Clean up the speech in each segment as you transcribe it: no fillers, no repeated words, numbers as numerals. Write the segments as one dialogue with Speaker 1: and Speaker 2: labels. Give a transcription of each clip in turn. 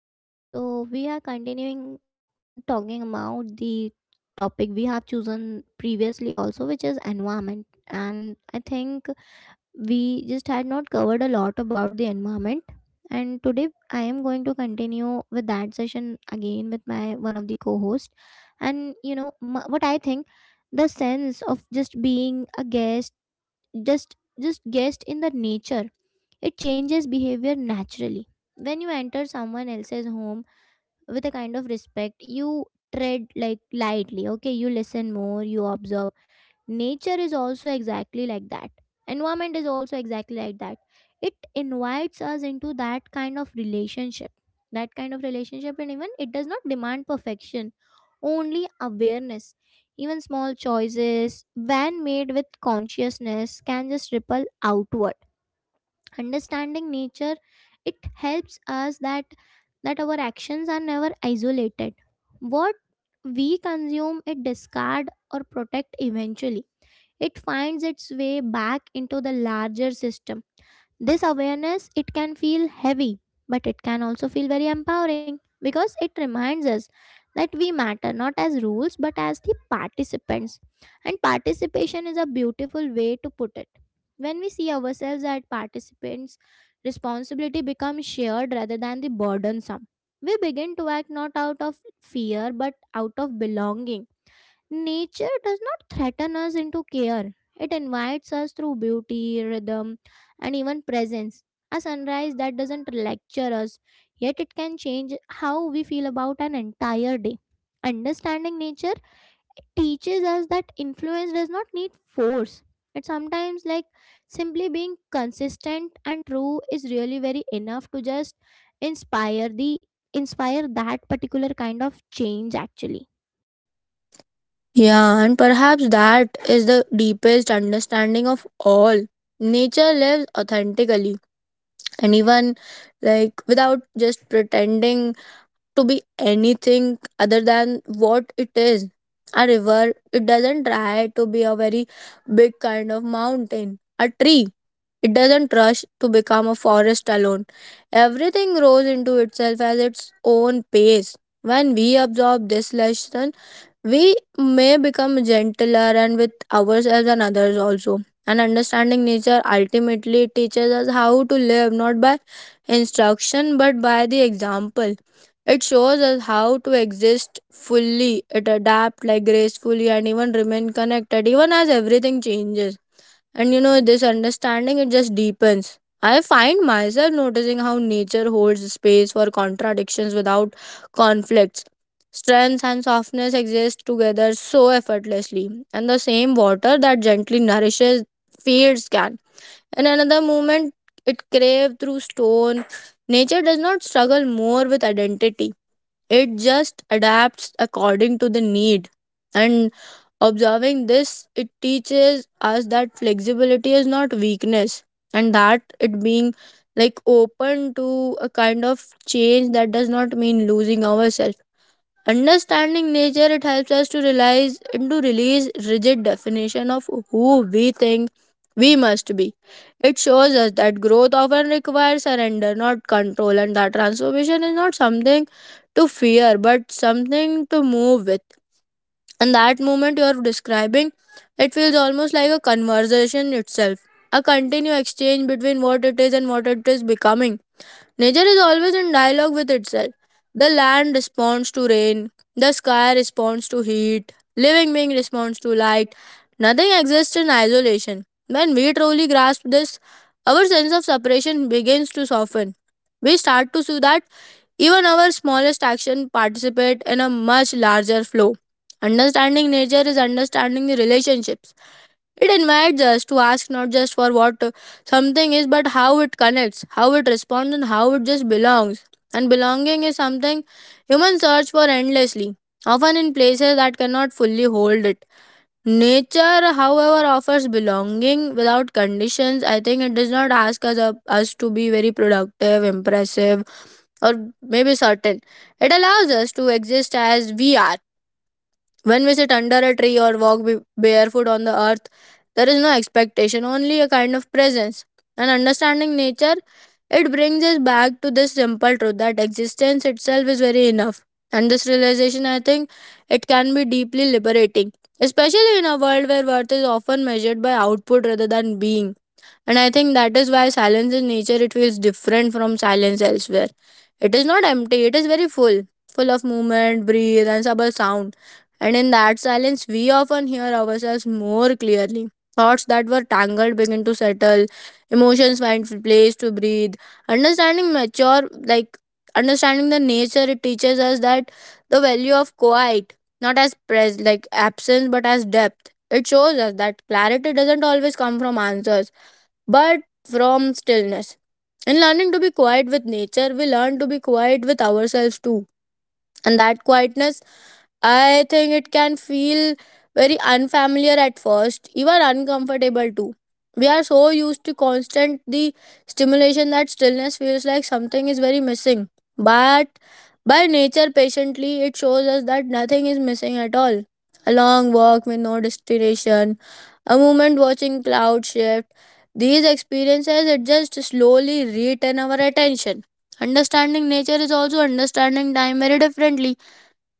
Speaker 1: everyone. So we are continuing talking about the topic we have chosen previously also, which is environment, and I think we just had not covered a lot about the environment. And today I am going to continue with that session again with my one of the co-host. And you know, m what I think, the sense of just being a guest, just just guest in the nature, it changes behavior naturally. When you enter someone else's home with a kind of respect, you tread like lightly, okay, you listen more, you observe. Nature is also exactly like that. Environment is also exactly like that. It invites us into that kind of relationship, and even it does not demand perfection, only awareness. Even small choices, when made with consciousness, can just ripple outward. Understanding nature, it helps us that our actions are never isolated. What we consume, it discard or protect, eventually it finds its way back into the larger system. This awareness, it can feel heavy, but it can also feel very empowering because it reminds us that we matter not as rules but as the participants. And participation is a beautiful way to put it. When we see ourselves as participants, responsibility becomes shared rather than the burdensome. We begin to act not out of fear but out of belonging. Nature does not threaten us into care. It invites us through beauty, rhythm, and even presence. A sunrise that doesn't lecture us, yet it can change how we feel about an entire day. Understanding nature teaches us that influence does not need force. It's sometimes like simply being consistent and true is really very enough to just inspire the inspire that particular kind of change actually.
Speaker 2: Yeah, and perhaps that is the deepest understanding of all. Nature lives authentically, and even without just pretending to be anything other than what it is. A river, it doesn't try to be a very big kind of mountain. A tree, it doesn't rush to become a forest alone. Everything grows into itself as its own pace. When we absorb this lesson, we may become gentler and with ourselves and others also. And understanding nature ultimately teaches us how to live not by instruction but by the example. It shows us how to exist fully, it adapt like gracefully and even remain connected even as everything changes. And you know, this understanding it just deepens. I find myself noticing how nature holds space for contradictions without conflicts. Strength and softness exist together so effortlessly, and the same water that gently nourishes fields can. In another moment, it craved through stone. Nature does not struggle more with identity it just adapts according to the need. And observing this, it teaches us that flexibility is not weakness and that it being like open to a kind of change that does not mean losing ourselves. Understanding nature it helps us to realize and to release rigid definition of who we think we must be. It shows us that growth often requires surrender, not control, and that transformation is not something to fear but something to move with. And that moment you are describing, it feels almost like a conversation itself, a continued exchange between what it is and what it is becoming. Nature is always in dialogue with itself. The land responds to rain, the sky responds to heat, living being responds to light. Nothing exists in isolation. When we truly grasp this, our sense of separation begins to soften. We start to see that even our smallest action participate in a much larger flow. Understanding nature is understanding the relationships it invites us to ask not just for what something is, but how it connects, how it responds, and how it just belongs. And belonging is something humans search for endlessly, often in places that cannot fully hold it. Nature, however, offers belonging without conditions. I think it does not ask us to be very productive, impressive, or maybe certain. It allows us to exist as we are when we sit under a tree or walk barefoot on the earth, there is no expectation, only a kind of presence. And understanding nature, it brings us back to this simple truth that existence itself is very enough. And this realization, I think, it can be deeply liberating, especially in a world where worth is often measured by output rather than being. And I think that is why silence in nature it feels different from silence elsewhere. It is not empty, it is very full, full of movement, breathe and subtle sound. And in that silence we often hear ourselves more clearly. Thoughts that were tangled begin to settle, emotions find place to breathe. Understanding mature like Understanding the nature it teaches us that the value of quiet not as pres like absence but as depth. It shows us that clarity doesn't always come from answers but from stillness. In learning to be quiet with nature, we learn to be quiet with ourselves too. And that quietness, I think it can feel very unfamiliar at first, even uncomfortable too. We are so used to constant the stimulation that stillness feels like something is very missing. But by nature patiently it shows us that nothing is missing at all. A long walk with no destination, a moment watching cloud shift. These experiences it just slowly return our attention. Understanding nature is also understanding time very differently.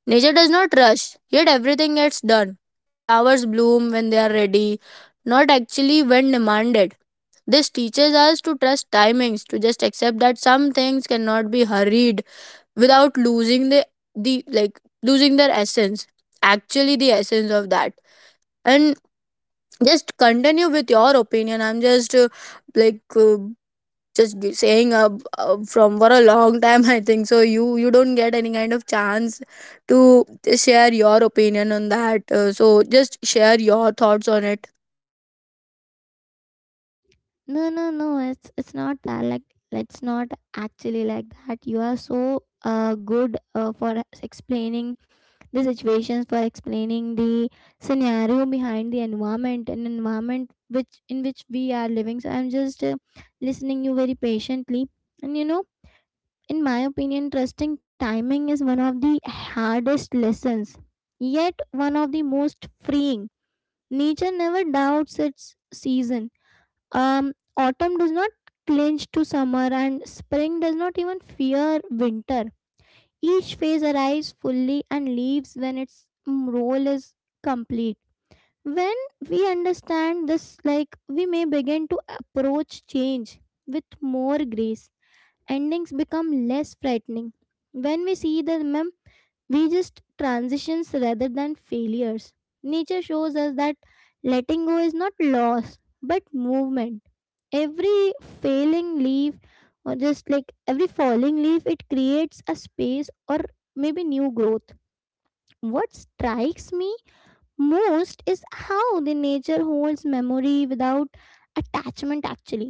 Speaker 2: Nature does not rush, yet everything gets done. Flowers bloom when they are ready, not actually when demanded. This teaches us to trust timings, to just accept that some things cannot be hurried without losing the like losing their essence. Actually the essence of that. And just continue with your opinion. I'm just like just g- saying from for a long time. I think so. You don't get any kind of chance to share your opinion on that. So just share your thoughts on it.
Speaker 1: No, no, no. It's not that. Like, let's not actually like that. You are so good for explaining the situations, for explaining the scenario behind the environment, an environment which in which we are living. So I'm just listening you very patiently. And you know, in my opinion, trusting timing is one of the hardest lessons, yet one of the most freeing. Nature never doubts its season. Autumn does not clinch to summer, and spring does not even fear winter. Each phase arrives fully and leaves when its role is complete. When we understand this, like, we may begin to approach change with more grace. Endings become less frightening. When we see them, we just transitions rather than failures. Nature shows us that letting go is not loss but movement. Every failing leaf, or just like every falling leaf, it creates a space or maybe new growth. What strikes me most is how the nature holds memory without attachment actually.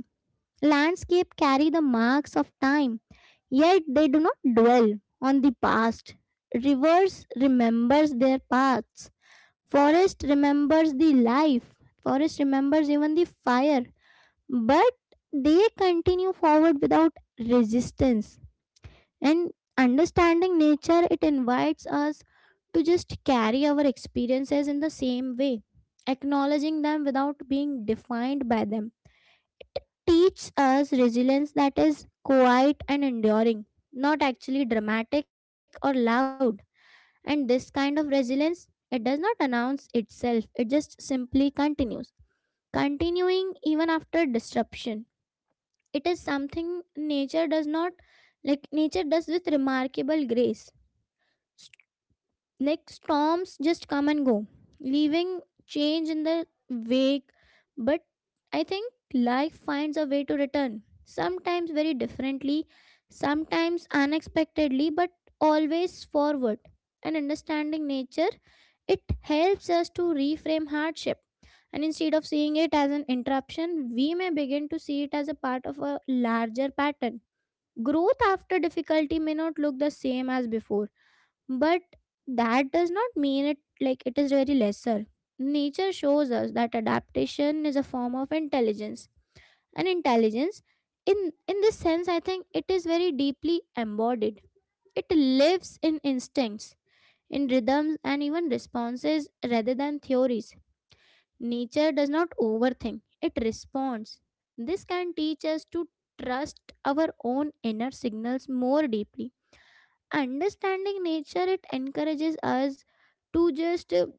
Speaker 1: Landscape carry the marks of time, yet they do not dwell on the past. Rivers remembers their paths. Forest remembers the life. Forest remembers even the fire. But they continue forward without resistance. And understanding nature, it invites us to just carry our experiences in the same way, acknowledging them without being defined by them. It teaches us resilience that is quiet and enduring, not actually dramatic or loud. And this kind of resilience, it does not announce itself, it just simply continues, continuing even after disruption. It is something nature does not like nature does with remarkable grace. S- like storms just come and go, leaving change in the wake. But I think life finds a way to return, sometimes very differently, sometimes unexpectedly, but always forward. And understanding nature, it helps us to reframe hardship, and instead of seeing it as an interruption, we may begin to see it as a part of a larger pattern. Growth after difficulty may not look the same as before, but that does not mean it like it is very lesser. Nature shows us that adaptation is a form of intelligence. And intelligence in this sense, I think it is very deeply embodied. It lives in instincts, in rhythms and even responses rather than theories. Nature does not overthink, it responds. This can teach us to trust our own inner signals more deeply. Understanding nature, it encourages us to just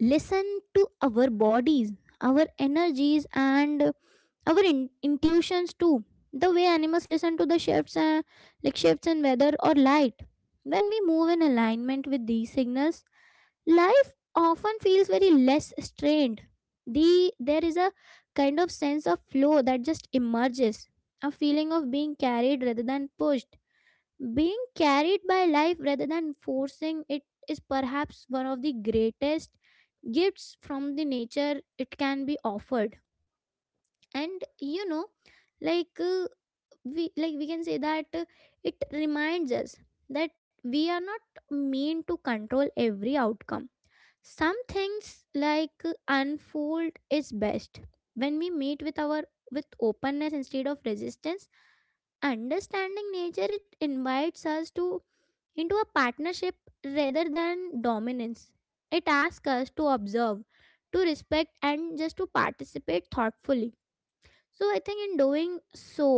Speaker 1: listen to our bodies, our energies, and our intuitions too. The way animals listen to the shifts, like shifts in weather or light. When we move in alignment with these signals, life often feels very less strained. There is a kind of sense of flow that just emerges, a feeling of being carried rather than pushed. Being carried by life rather than forcing it is perhaps one of the greatest gifts from the nature it can be offered. And you know, like uh, we we can say that it reminds us that we are not meant to control every outcome. Some things like unfold is best when we meet with our with openness instead of resistance. Understanding nature, it invites us to into a partnership rather than dominance. It asks us to observe, to respect, and just to participate thoughtfully. So I think in doing so,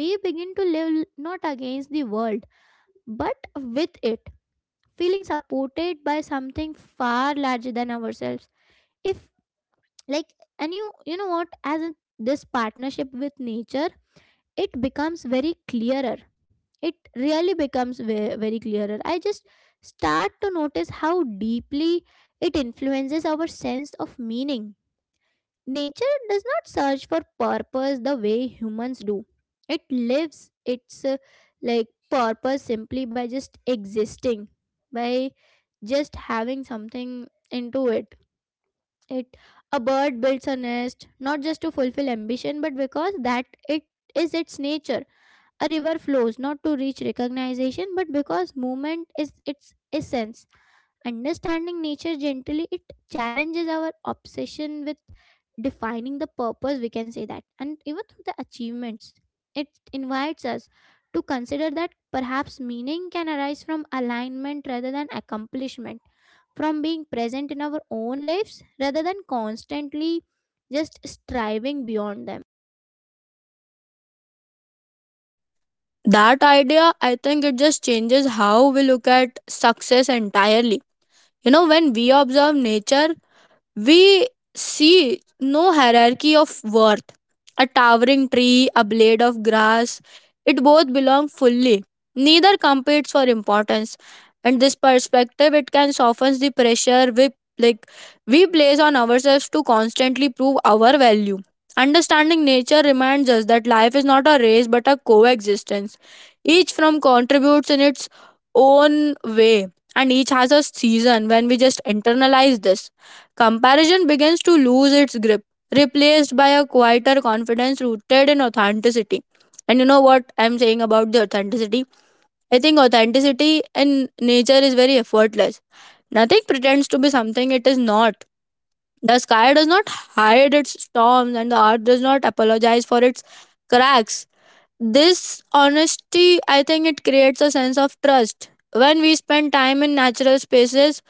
Speaker 1: we begin to live not against the world but with it, feeling supported by something far larger than ourselves. If like And you know what, as in this partnership with nature it becomes very clearer, it really becomes very clearer. I just start to notice how deeply it influences our sense of meaning. Nature does not search for purpose the way humans do. It lives its like purpose simply by just existing, by just having something into it. it a bird builds a nest not just to fulfill ambition but because that it is its nature. A river flows not to reach recognition but because movement is its essence. Understanding nature gently, it challenges our obsession with defining the purpose, we can say that, and even through the achievements. It invites us to consider that perhaps meaning can arise from alignment rather than accomplishment, from being present in our own lives rather than constantly just striving beyond them.
Speaker 2: That idea, I think, it just changes how we look at success entirely. You know, when we observe nature we see no hierarchy of worth. A towering tree, a blade of grass, it both belong fully. Neither competes for importance. And this perspective, it can soften the pressure like we place on ourselves to constantly prove our value. Understanding nature reminds us that life is not a race but a coexistence. Each from contributes in its own way, and each has a season when we just internalize this. Comparison begins to lose its grip, replaced by a quieter confidence rooted in authenticity. And you know what I'm saying about the authenticity? I think authenticity in nature is very effortless. Nothing pretends to be something it is not. The sky does not hide its storms, and the earth does not apologize for its cracks. This honesty, I think, it creates a sense of trust. When we spend time in natural spaces,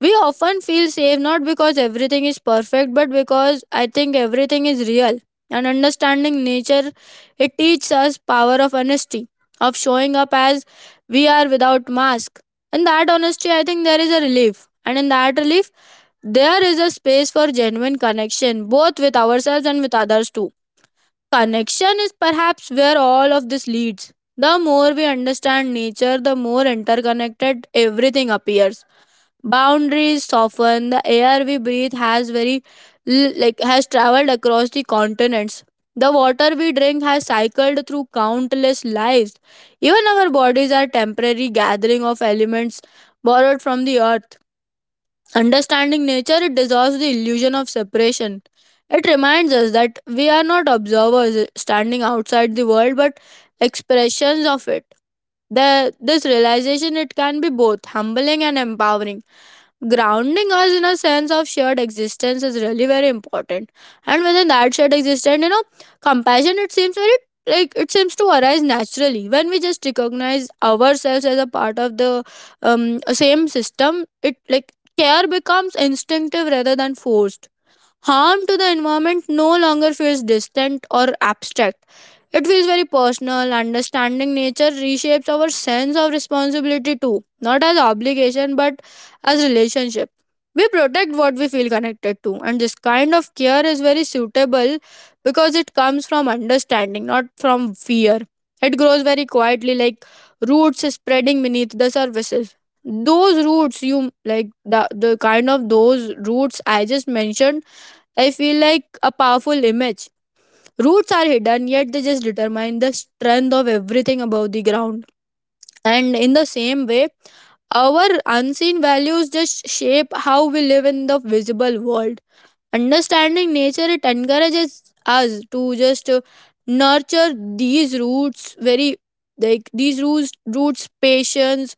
Speaker 2: we often feel safe not because everything is perfect, but because I think everything is real. And understanding nature, it teaches us power of honesty, of showing up as we are without mask. In that honesty, I think there is a relief. And in that relief, there is a space for genuine connection, both with ourselves and with others too. Connection is perhaps where all of this leads. The more we understand nature, the more interconnected everything appears. Boundaries soften, the air we breathe has very l- like has traveled across the continents. The water we drink has cycled through countless lives. Even our bodies are temporary gathering of elements borrowed from the earth. Understanding nature it dissolves the illusion of separation. It reminds us that we are not observers standing outside the world but expressions of it. This realization it can be both humbling and empowering, grounding us in a sense of shared existence is really very important. And within that shared existence, you know, compassion it seems very like it seems to arise naturally when we just recognize ourselves as a part of the same system. It like care becomes instinctive rather than forced. Harm to the environment no longer feels distant or abstract. It feels very personal. Understanding nature reshapes our sense of responsibility too, not as obligation but as relationship. We protect what we feel connected to, and this kind of care is very suitable because it comes from understanding, not from fear. It grows very quietly, like roots spreading beneath the surfaces. Those roots, the kind of those roots I just mentioned I feel like a powerful image. Roots are hidden, yet they just determine the strength of everything above the ground. And in the same way, our unseen values just shape how we live in the visible world. Understanding nature it encourages us to just nurture these roots roots patience,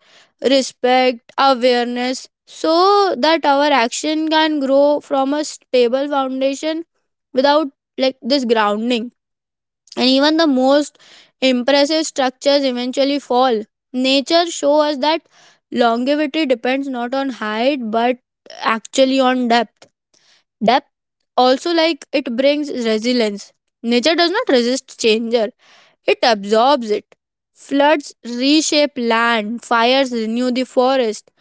Speaker 2: respect, awareness, so that our action can grow from a stable foundation. Without like this grounding, and even the most impressive structures eventually fall. Nature show us that longevity depends not on height but actually on depth. Depth also like it brings resilience. Nature does not resist changer, it absorbs it. Floods reshape land, fires renew the forest,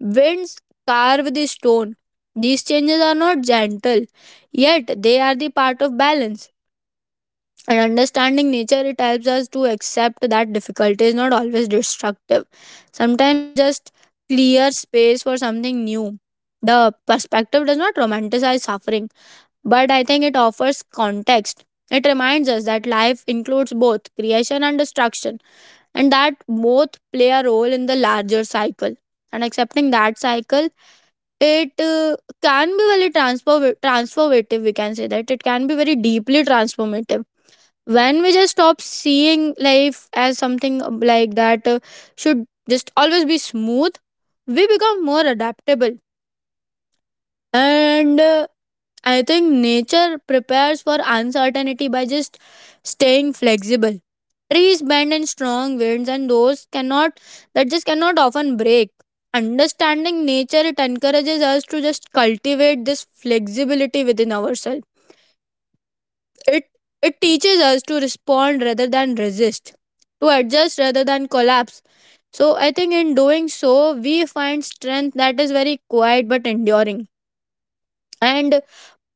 Speaker 2: winds carve the stone. These changes are not gentle, yet they are the part of balance. And understanding nature, it helps us to accept that difficulty is not always destructive. Sometimes it just clears space for something new. The perspective does not romanticize suffering but I think it offers context. It reminds us that life includes both creation and destruction, and that both play a role in the larger cycle. And accepting that cycle, it can be very transformative. We can say that it can be very deeply transformative. When we just stop seeing life as something like that should just always be smooth, we become more adaptable. And I think nature prepares for uncertainty by just staying flexible. Trees bend in strong winds and those cannot that just cannot often break. Understanding nature it encourages us to just cultivate this flexibility within ourselves. It it teaches us to respond rather than resist, to adjust rather than collapse. So I think in doing so we find strength that is very quiet but enduring. And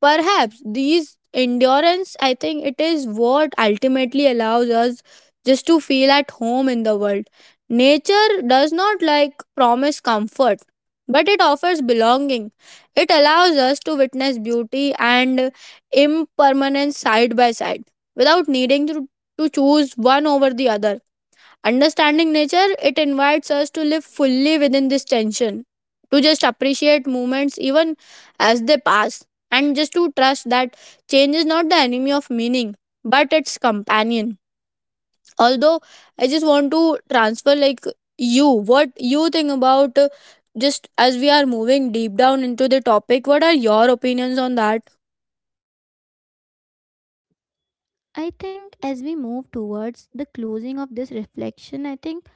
Speaker 2: perhaps these endurance, I think it is what ultimately allows us just to feel at home in the world. Nature does not like promise comfort, but it offers belonging. It allows us to witness beauty and impermanence side by side without needing to choose one over the other. Understanding nature, it invites us to live fully within this tension, to just appreciate moments even as they pass, and just to trust that change is not the enemy of meaning, but its companion. Although I just want to transfer, like, you, what you think about just as we are moving deep down into the topic, what are your opinions on that?
Speaker 1: I think as we move towards the closing of this reflection, I think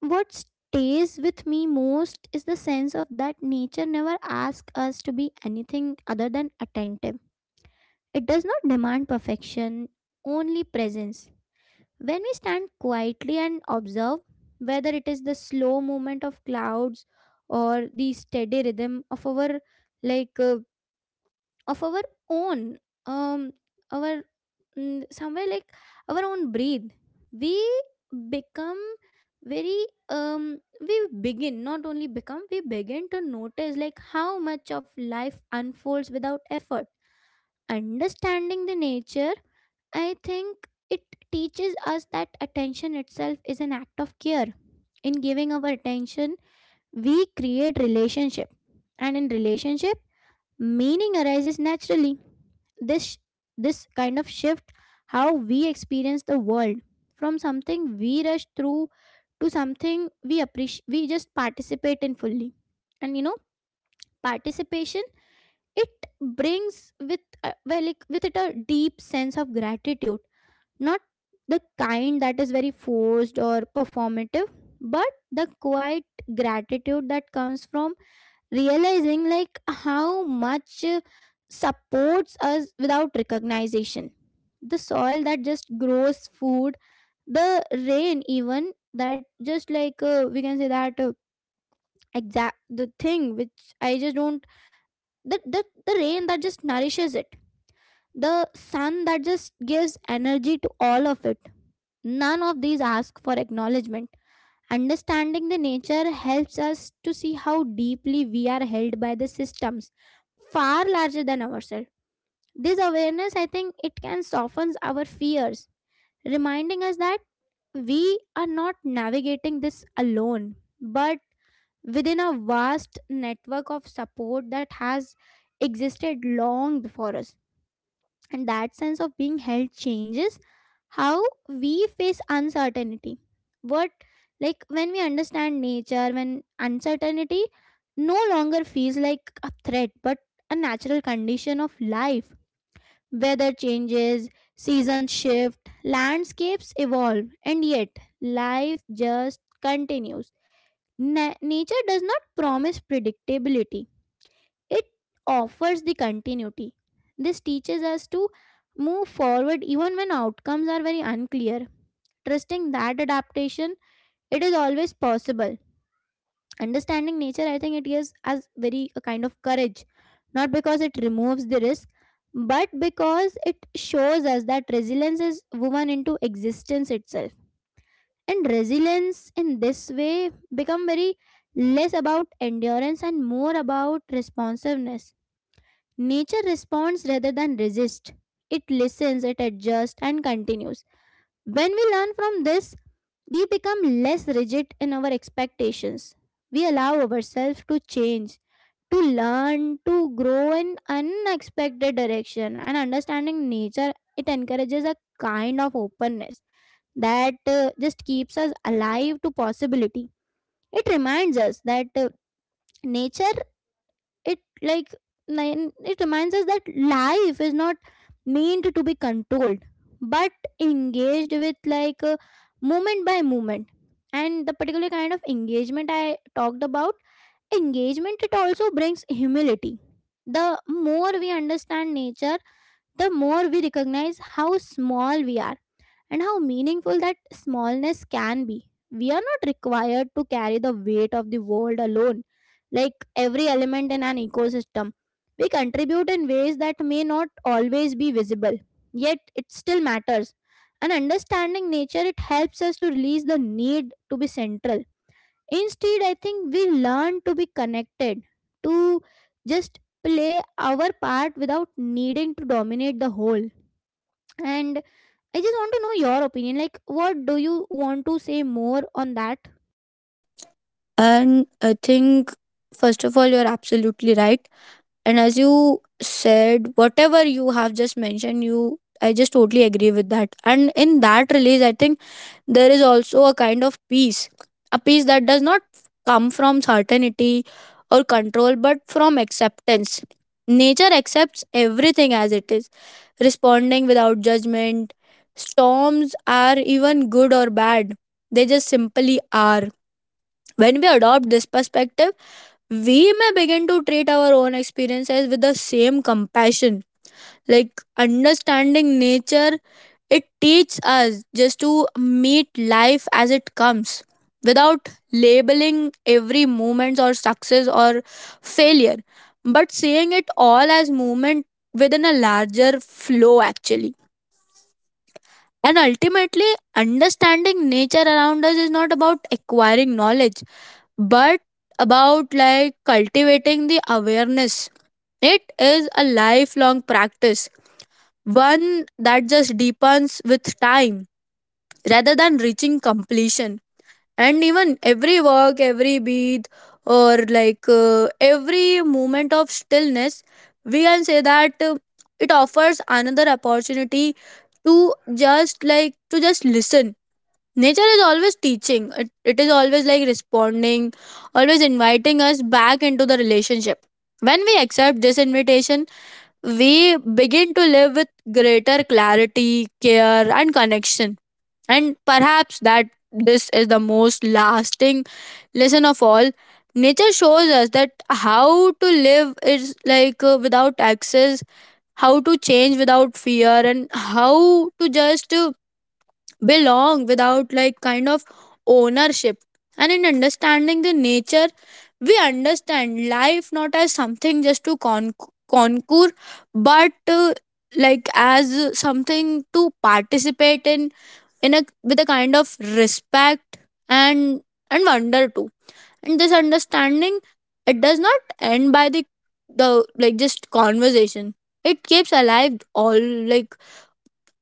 Speaker 1: what stays with me most is the sense of that nature never asks us to be anything other than attentive. It does not demand perfection, only presence. When we stand quietly and observe, whether it is the slow movement of clouds or the steady rhythm like uh, of our own um our mm, somewhere like our own breed, we become very um we begin not only become we begin to notice like how much of life unfolds without effort. Understanding the nature, I think it teaches us that attention itself is an act of care. In giving our attention, we create relationship, and in relationship meaning arises naturally. This this kind of shift how we experience the world, from something we rush through to something we appreciate, we just participate in fully. And you know, participation, it brings like with it a deep sense of gratitude, not the kind that is very forced or performative, but the quiet gratitude that comes from realizing like how much supports us without recognition. The soil that just grows food, the rain even that just like we can say that exact the thing which I just don't the rain that just nourishes it, the sun that just gives energy to all of it. None of these ask for acknowledgement. Understanding the nature helps us to see how deeply we are held by the systems far larger than ourselves. This awareness, I think, it can soften our fears, reminding us that we are not navigating this alone but within a vast network of support that has existed long before us. And that sense of being held changes how we face uncertainty. What like When we understand nature, when uncertainty no longer feels like a threat but a natural condition of life, weather changes, seasons shift, landscapes evolve, and yet life just continues. Nature does not promise predictability, it offers the continuity. This teaches us to move forward even when outcomes are very unclear, trusting that adaptation, it is always possible. Understanding nature, I think it gives us very a kind of courage, not because it removes the risk but because it shows us that resilience is woven into existence itself. And resilience in this way become very less about endurance and more about responsiveness. Nature responds rather than resists. It listens, it adjusts, and continues. When we learn from this, we become less rigid in our expectations. We allow ourselves to change, to learn, to grow in unexpected direction. And understanding nature, it encourages a kind of openness that just keeps us alive to possibility. It reminds us that nature it like it reminds us that life is not meant to be controlled but engaged with moment by moment. And the particular kind of engagement I talked about, engagement, it also brings humility. The more we understand nature, the more we recognize how small we are and how meaningful that smallness can be. We are not required to carry the weight of the world alone, like every element in an ecosystem. We contribute in ways that may not always be visible, yet it still matters. And understanding nature, it helps us to release the need to be central. Instead, I think we learn to be connected, to just play our part without needing to dominate the whole. And I just want to know your opinion. Like, what do you want to say more on that?
Speaker 2: And I think, first of all, you're absolutely right. And as you said, whatever you have just mentioned, you I just totally agree with that. And in that release, I think there is also a kind of peace, a peace that does not come from certainty or control, but from acceptance. Nature accepts everything as it is, responding without judgment. Storms are even good or bad, they just simply are. When we adopt this perspective, we may begin to treat our own experiences with the same compassion, like understanding nature, it teaches us just to meet life as it comes without labeling every moment or success or failure, but seeing it all as movement within a larger flow actually. And ultimately, understanding nature around us is not about acquiring knowledge but about like cultivating the awareness. It is a lifelong practice, one that just deepens with time rather than reaching completion. And even every work, every beat, or like every moment of stillness, we can say that it offers another opportunity to just like to just listen. Nature is always teaching, it is always like responding, always inviting us back into the relationship. When we accept this invitation, we begin to live with greater clarity, care, and connection. And perhaps that this is the most lasting lesson of all. Nature shows us that how to live is like without excess, how to change without fear, and how to just belong without like kind of ownership. And in understanding the nature, we understand life not as something just to conquer, but like as something to participate in a with a kind of respect and wonder too. And this understanding, it does not end by the like just conversation. It keeps alive all, like,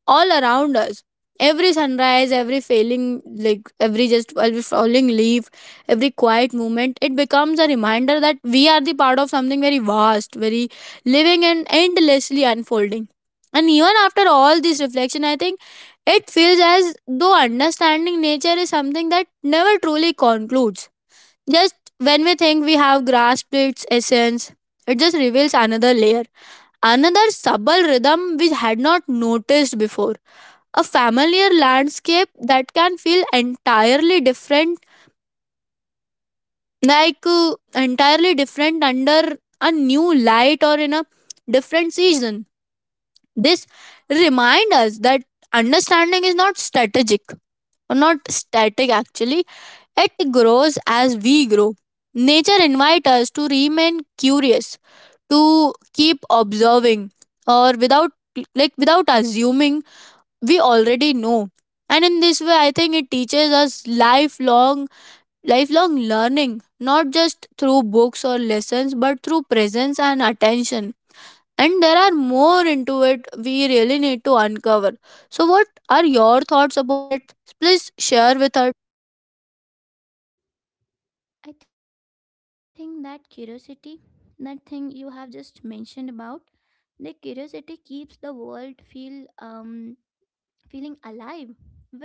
Speaker 2: all around us. Every sunrise, every failing, like every just every falling leaf, every quiet moment, it becomes a reminder that we are the part of something very vast, very living and endlessly unfolding. And even after all this reflection, I think it feels as though understanding nature is something that never truly concludes. Just when we think we have grasped its essence, it just reveals another layer, another subtle rhythm we had not noticed before, a familiar landscape that can feel entirely different, like entirely different under a new light or in a different season. This remind us that understanding is not strategic, or not static actually. It grows as we grow. Nature invites us to remain curious, to keep observing, or without, like, without assuming we already know. And in this way, I think it teaches us lifelong learning, not just through books or lessons, but through presence and attention. And there are more into it we really need to uncover. So, what are your thoughts upon it? Please share with us.
Speaker 1: I think that curiosity, that thing you have just mentioned about, the curiosity keeps the world feel feeling alive. When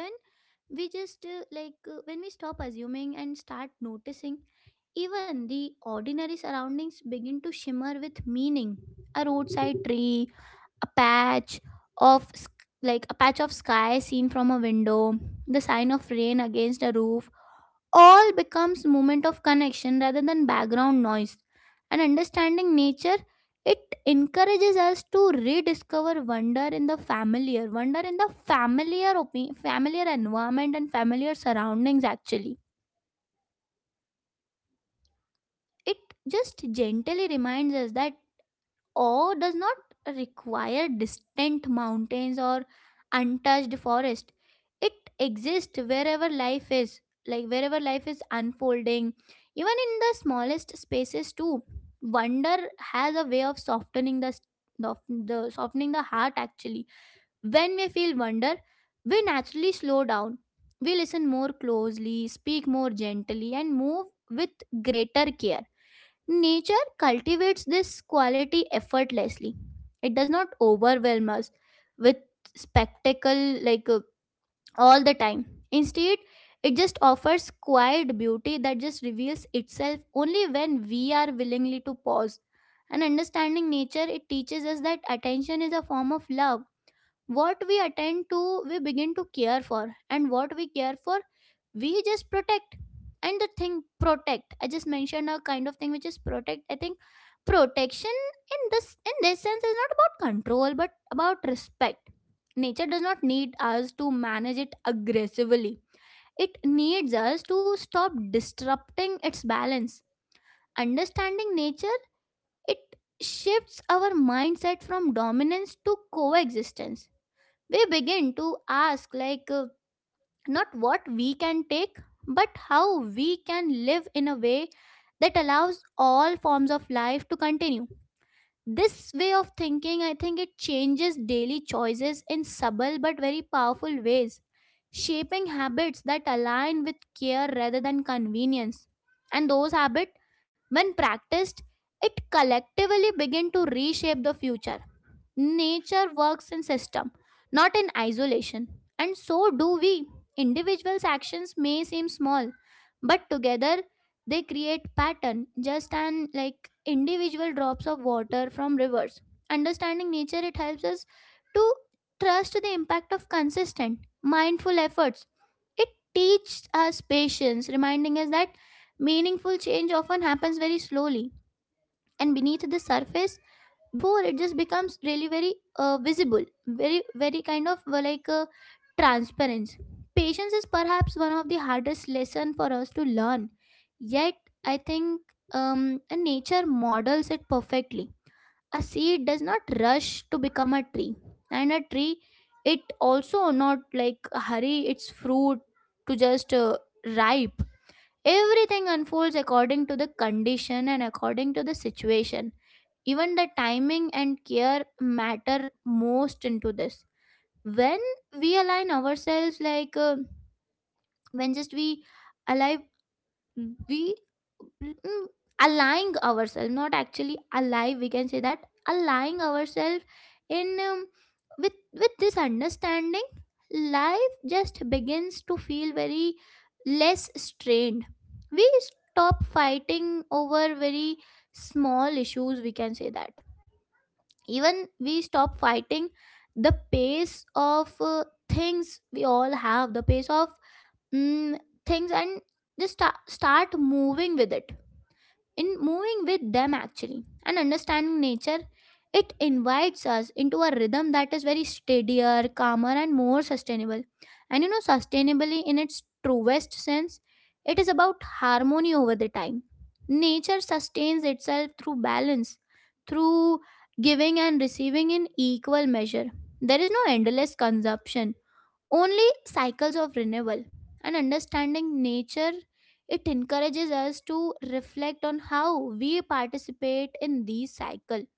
Speaker 1: we just like when we stop assuming and start noticing, even the ordinary surroundings begin to shimmer with meaning. A roadside tree, a of sk- patch of sky seen from a window, the sign of rain against a roof, all becomes moment of connection rather than background noise. And understanding nature, it encourages us to rediscover wonder in the familiar, wonder in the familiar environment and familiar surroundings actually. It just gently reminds us that awe does not require distant mountains or untouched forest. It exists wherever life is, like wherever life is unfolding, even in the smallest spaces too. Wonder has a way of softening the heart actually. When we feel wonder, we naturally slow down, we listen more closely, speak more gently, and move with greater care. Nature cultivates this quality effortlessly. It does not overwhelm us with spectacle all the time. Instead, it just offers quiet beauty that just reveals itself only when we are willingly to pause. And understanding nature, it teaches us that attention is a form of love. What we attend to, we begin to care for, and what we care for, we just protect. And the thing protect I just mentioned, a kind of thing which is protect, I think protection in this sense is not about control but about respect. Nature does not need us to manage it aggressively, it needs us to stop disrupting its balance. Understanding nature, it shifts our mindset from dominance to coexistence. We begin to ask, not what we can take, but how we can live in a way that allows all forms of life to continue. This way of thinking, I think it changes daily choices in subtle but very powerful ways, shaping habits that align with care rather than convenience. And those habits, when practiced, it collectively begin to reshape the future. Nature works in system, not in isolation. And so do we. Individuals' actions may seem small, but together they create pattern just an like individual drops of water from rivers. Understanding nature, it helps us to trust the impact of consistent, mindful efforts. It teaches us patience, reminding us that meaningful change often happens very slowly and beneath the surface before it just becomes really very visible, very very transparent. Patience is perhaps one of the hardest lesson for us to learn, yet I think, nature models it perfectly. A seed does not rush to become a tree, and a tree, it also not like hurry its fruit to just ripe. Everything unfolds according to the condition and according to the situation. Even the timing and care matter most into this. When we align ourselves, like when just we align we mm, aligning ourselves, not actually alive, we can say that, aligning ourselves in with this understanding, life just begins to feel very less strained. We stop fighting over very small issues, we can say that. Even we stop fighting the pace of things. We all have the pace of mm, things, and start moving with it, in moving with them actually. And understanding nature, it invites us into a rhythm that is very steadier, calmer, and more sustainable. And you know, sustainably in its truest sense, it is about harmony over the time. Nature sustains itself through balance, through giving and receiving in equal measure. There is no endless consumption, only cycles of renewal. And understanding nature, it encourages us to reflect on how we participate in these cycle.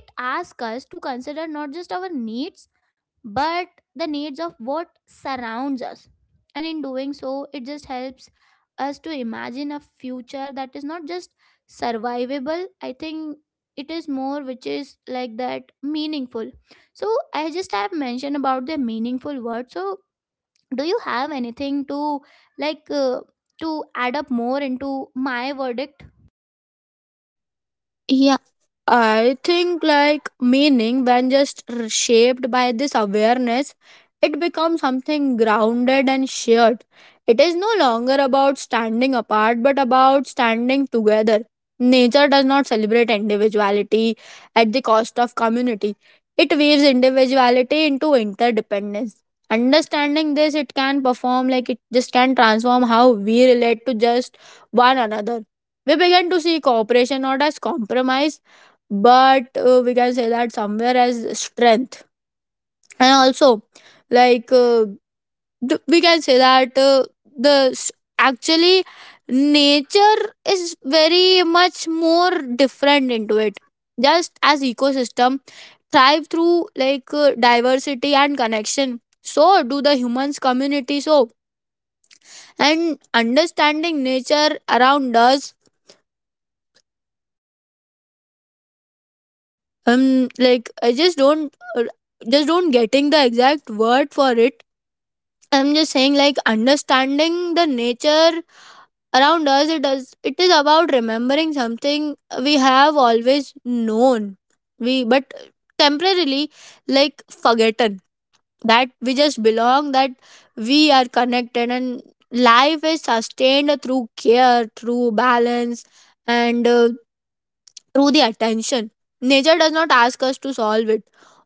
Speaker 1: It asks us to consider not just our needs, but the needs of what surrounds us. And in doing so, it just helps us to imagine a future that is not just survivable, I think. It is more which is like that meaningful. So I just have mentioned about the meaningful word, so do you have anything to, like uh, to add up more into my verdict?
Speaker 2: Yeah, I think like meaning, when just shaped by this awareness, it becomes something grounded and shared. It is no longer about standing apart, but about standing together. Nature does not celebrate individuality at the cost of community, it weaves individuality into interdependence. Understanding this, it can perform like it just can transform how we relate to just one another. We began to see cooperation not as compromise, but we can say that somewhere as strength. And also, like, we can say that the s- actually nature is very much more different into it. Just as ecosystem thrive through like diversity and connection, so do the humans community. So and understanding nature around us, um, like I just don't getting the exact word for it. I'm just saying like understanding the nature around us, it is about remembering something we have always known, we but temporarily like forgotten, that we just belong, that we are connected and life is sustained through care, through balance, and through the attention. Nature does not ask us to solve it,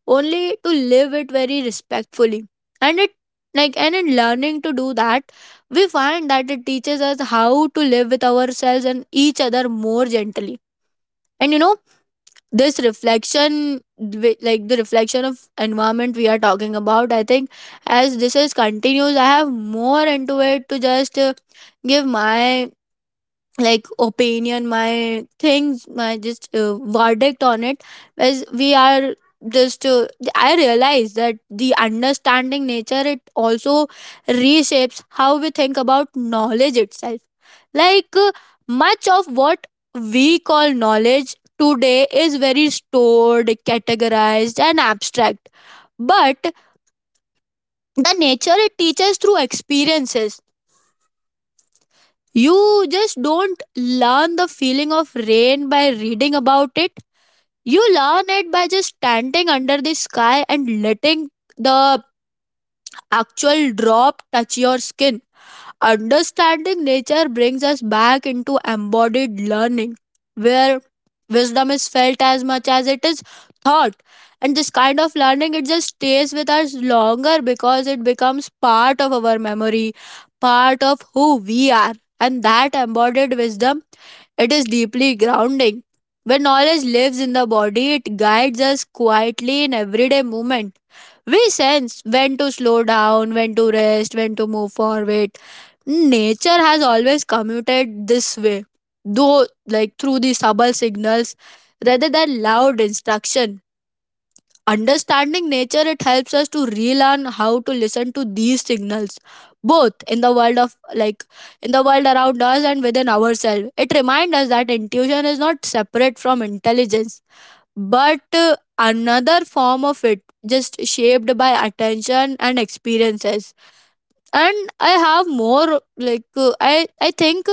Speaker 2: only to live it very respectfully. And it Like and in learning to do that, we find that it teaches us how to live with ourselves and each other more gently. And you know, this like the reflection of environment we are talking about, I think as this is continues, I have more into it to just give my like opinion, my things, my just verdict on it. As we are just I realize that the understanding nature it also reshapes how we think about knowledge itself, like much of what we call knowledge today is very stored, categorized, and abstract. But the nature, it teaches through experiences. You just don't learn the feeling of rain by reading about it. You learn it by just standing under the sky and letting the actual drop touch your skin. Understanding nature brings us back into embodied learning, where wisdom is felt as much as it is thought. And this kind of learning, it just stays with us longer because it becomes part of our memory, part of who we are. And that embodied wisdom, it is deeply grounding. When knowledge lives in the body, it guides us quietly in everyday movement. We sense when to slow down, when to rest, when to move forward. Nature has always commuted this way, though, like through the subtle signals rather than loud instruction. Understanding nature, it helps us to relearn how to listen to these signals, both in the world of like in the world around us and within ourselves. It reminds us that intuition is not separate from intelligence, but another form of it, just shaped by attention and experiences. And I have more, like, I think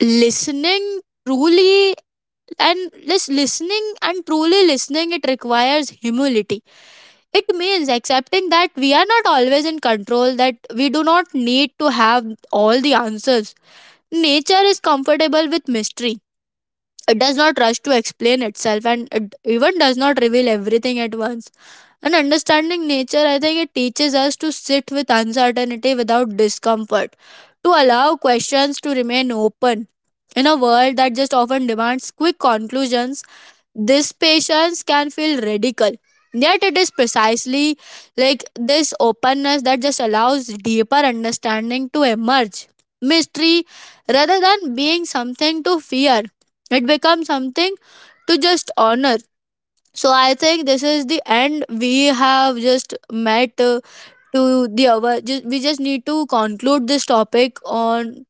Speaker 2: listening truly and just listening and truly listening, it requires humility. It means accepting that we are not always in control, that we do not need to have all the answers. Nature is comfortable with mystery. It does not rush to explain itself, and it even does not reveal everything at once. And understanding nature, I think it teaches us to sit with uncertainty without discomfort, to allow questions to remain open. In a world that just often demands quick conclusions, this patience can feel radical, yet it is precisely like this openness that just allows deeper understanding to emerge. Mystery, rather than being something to fear, it becomes something to just honor. So I think this is the end. We have just met. To the hour. Just, we just need to conclude this topic on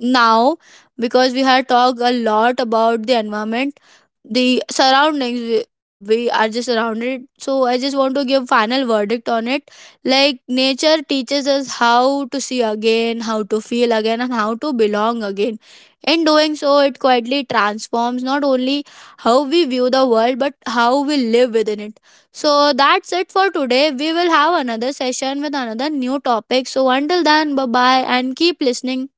Speaker 2: now because we had talked a lot about the environment, the surroundings. We are just surrounded. So I just want to give final verdict on it. Like nature teaches us how to see again, how to feel again, and how to belong again. In doing so, it quietly transforms not only how we view the world but how we live within it. So that's it for today. We will have another session with another new topic. So until then, bye bye and keep listening.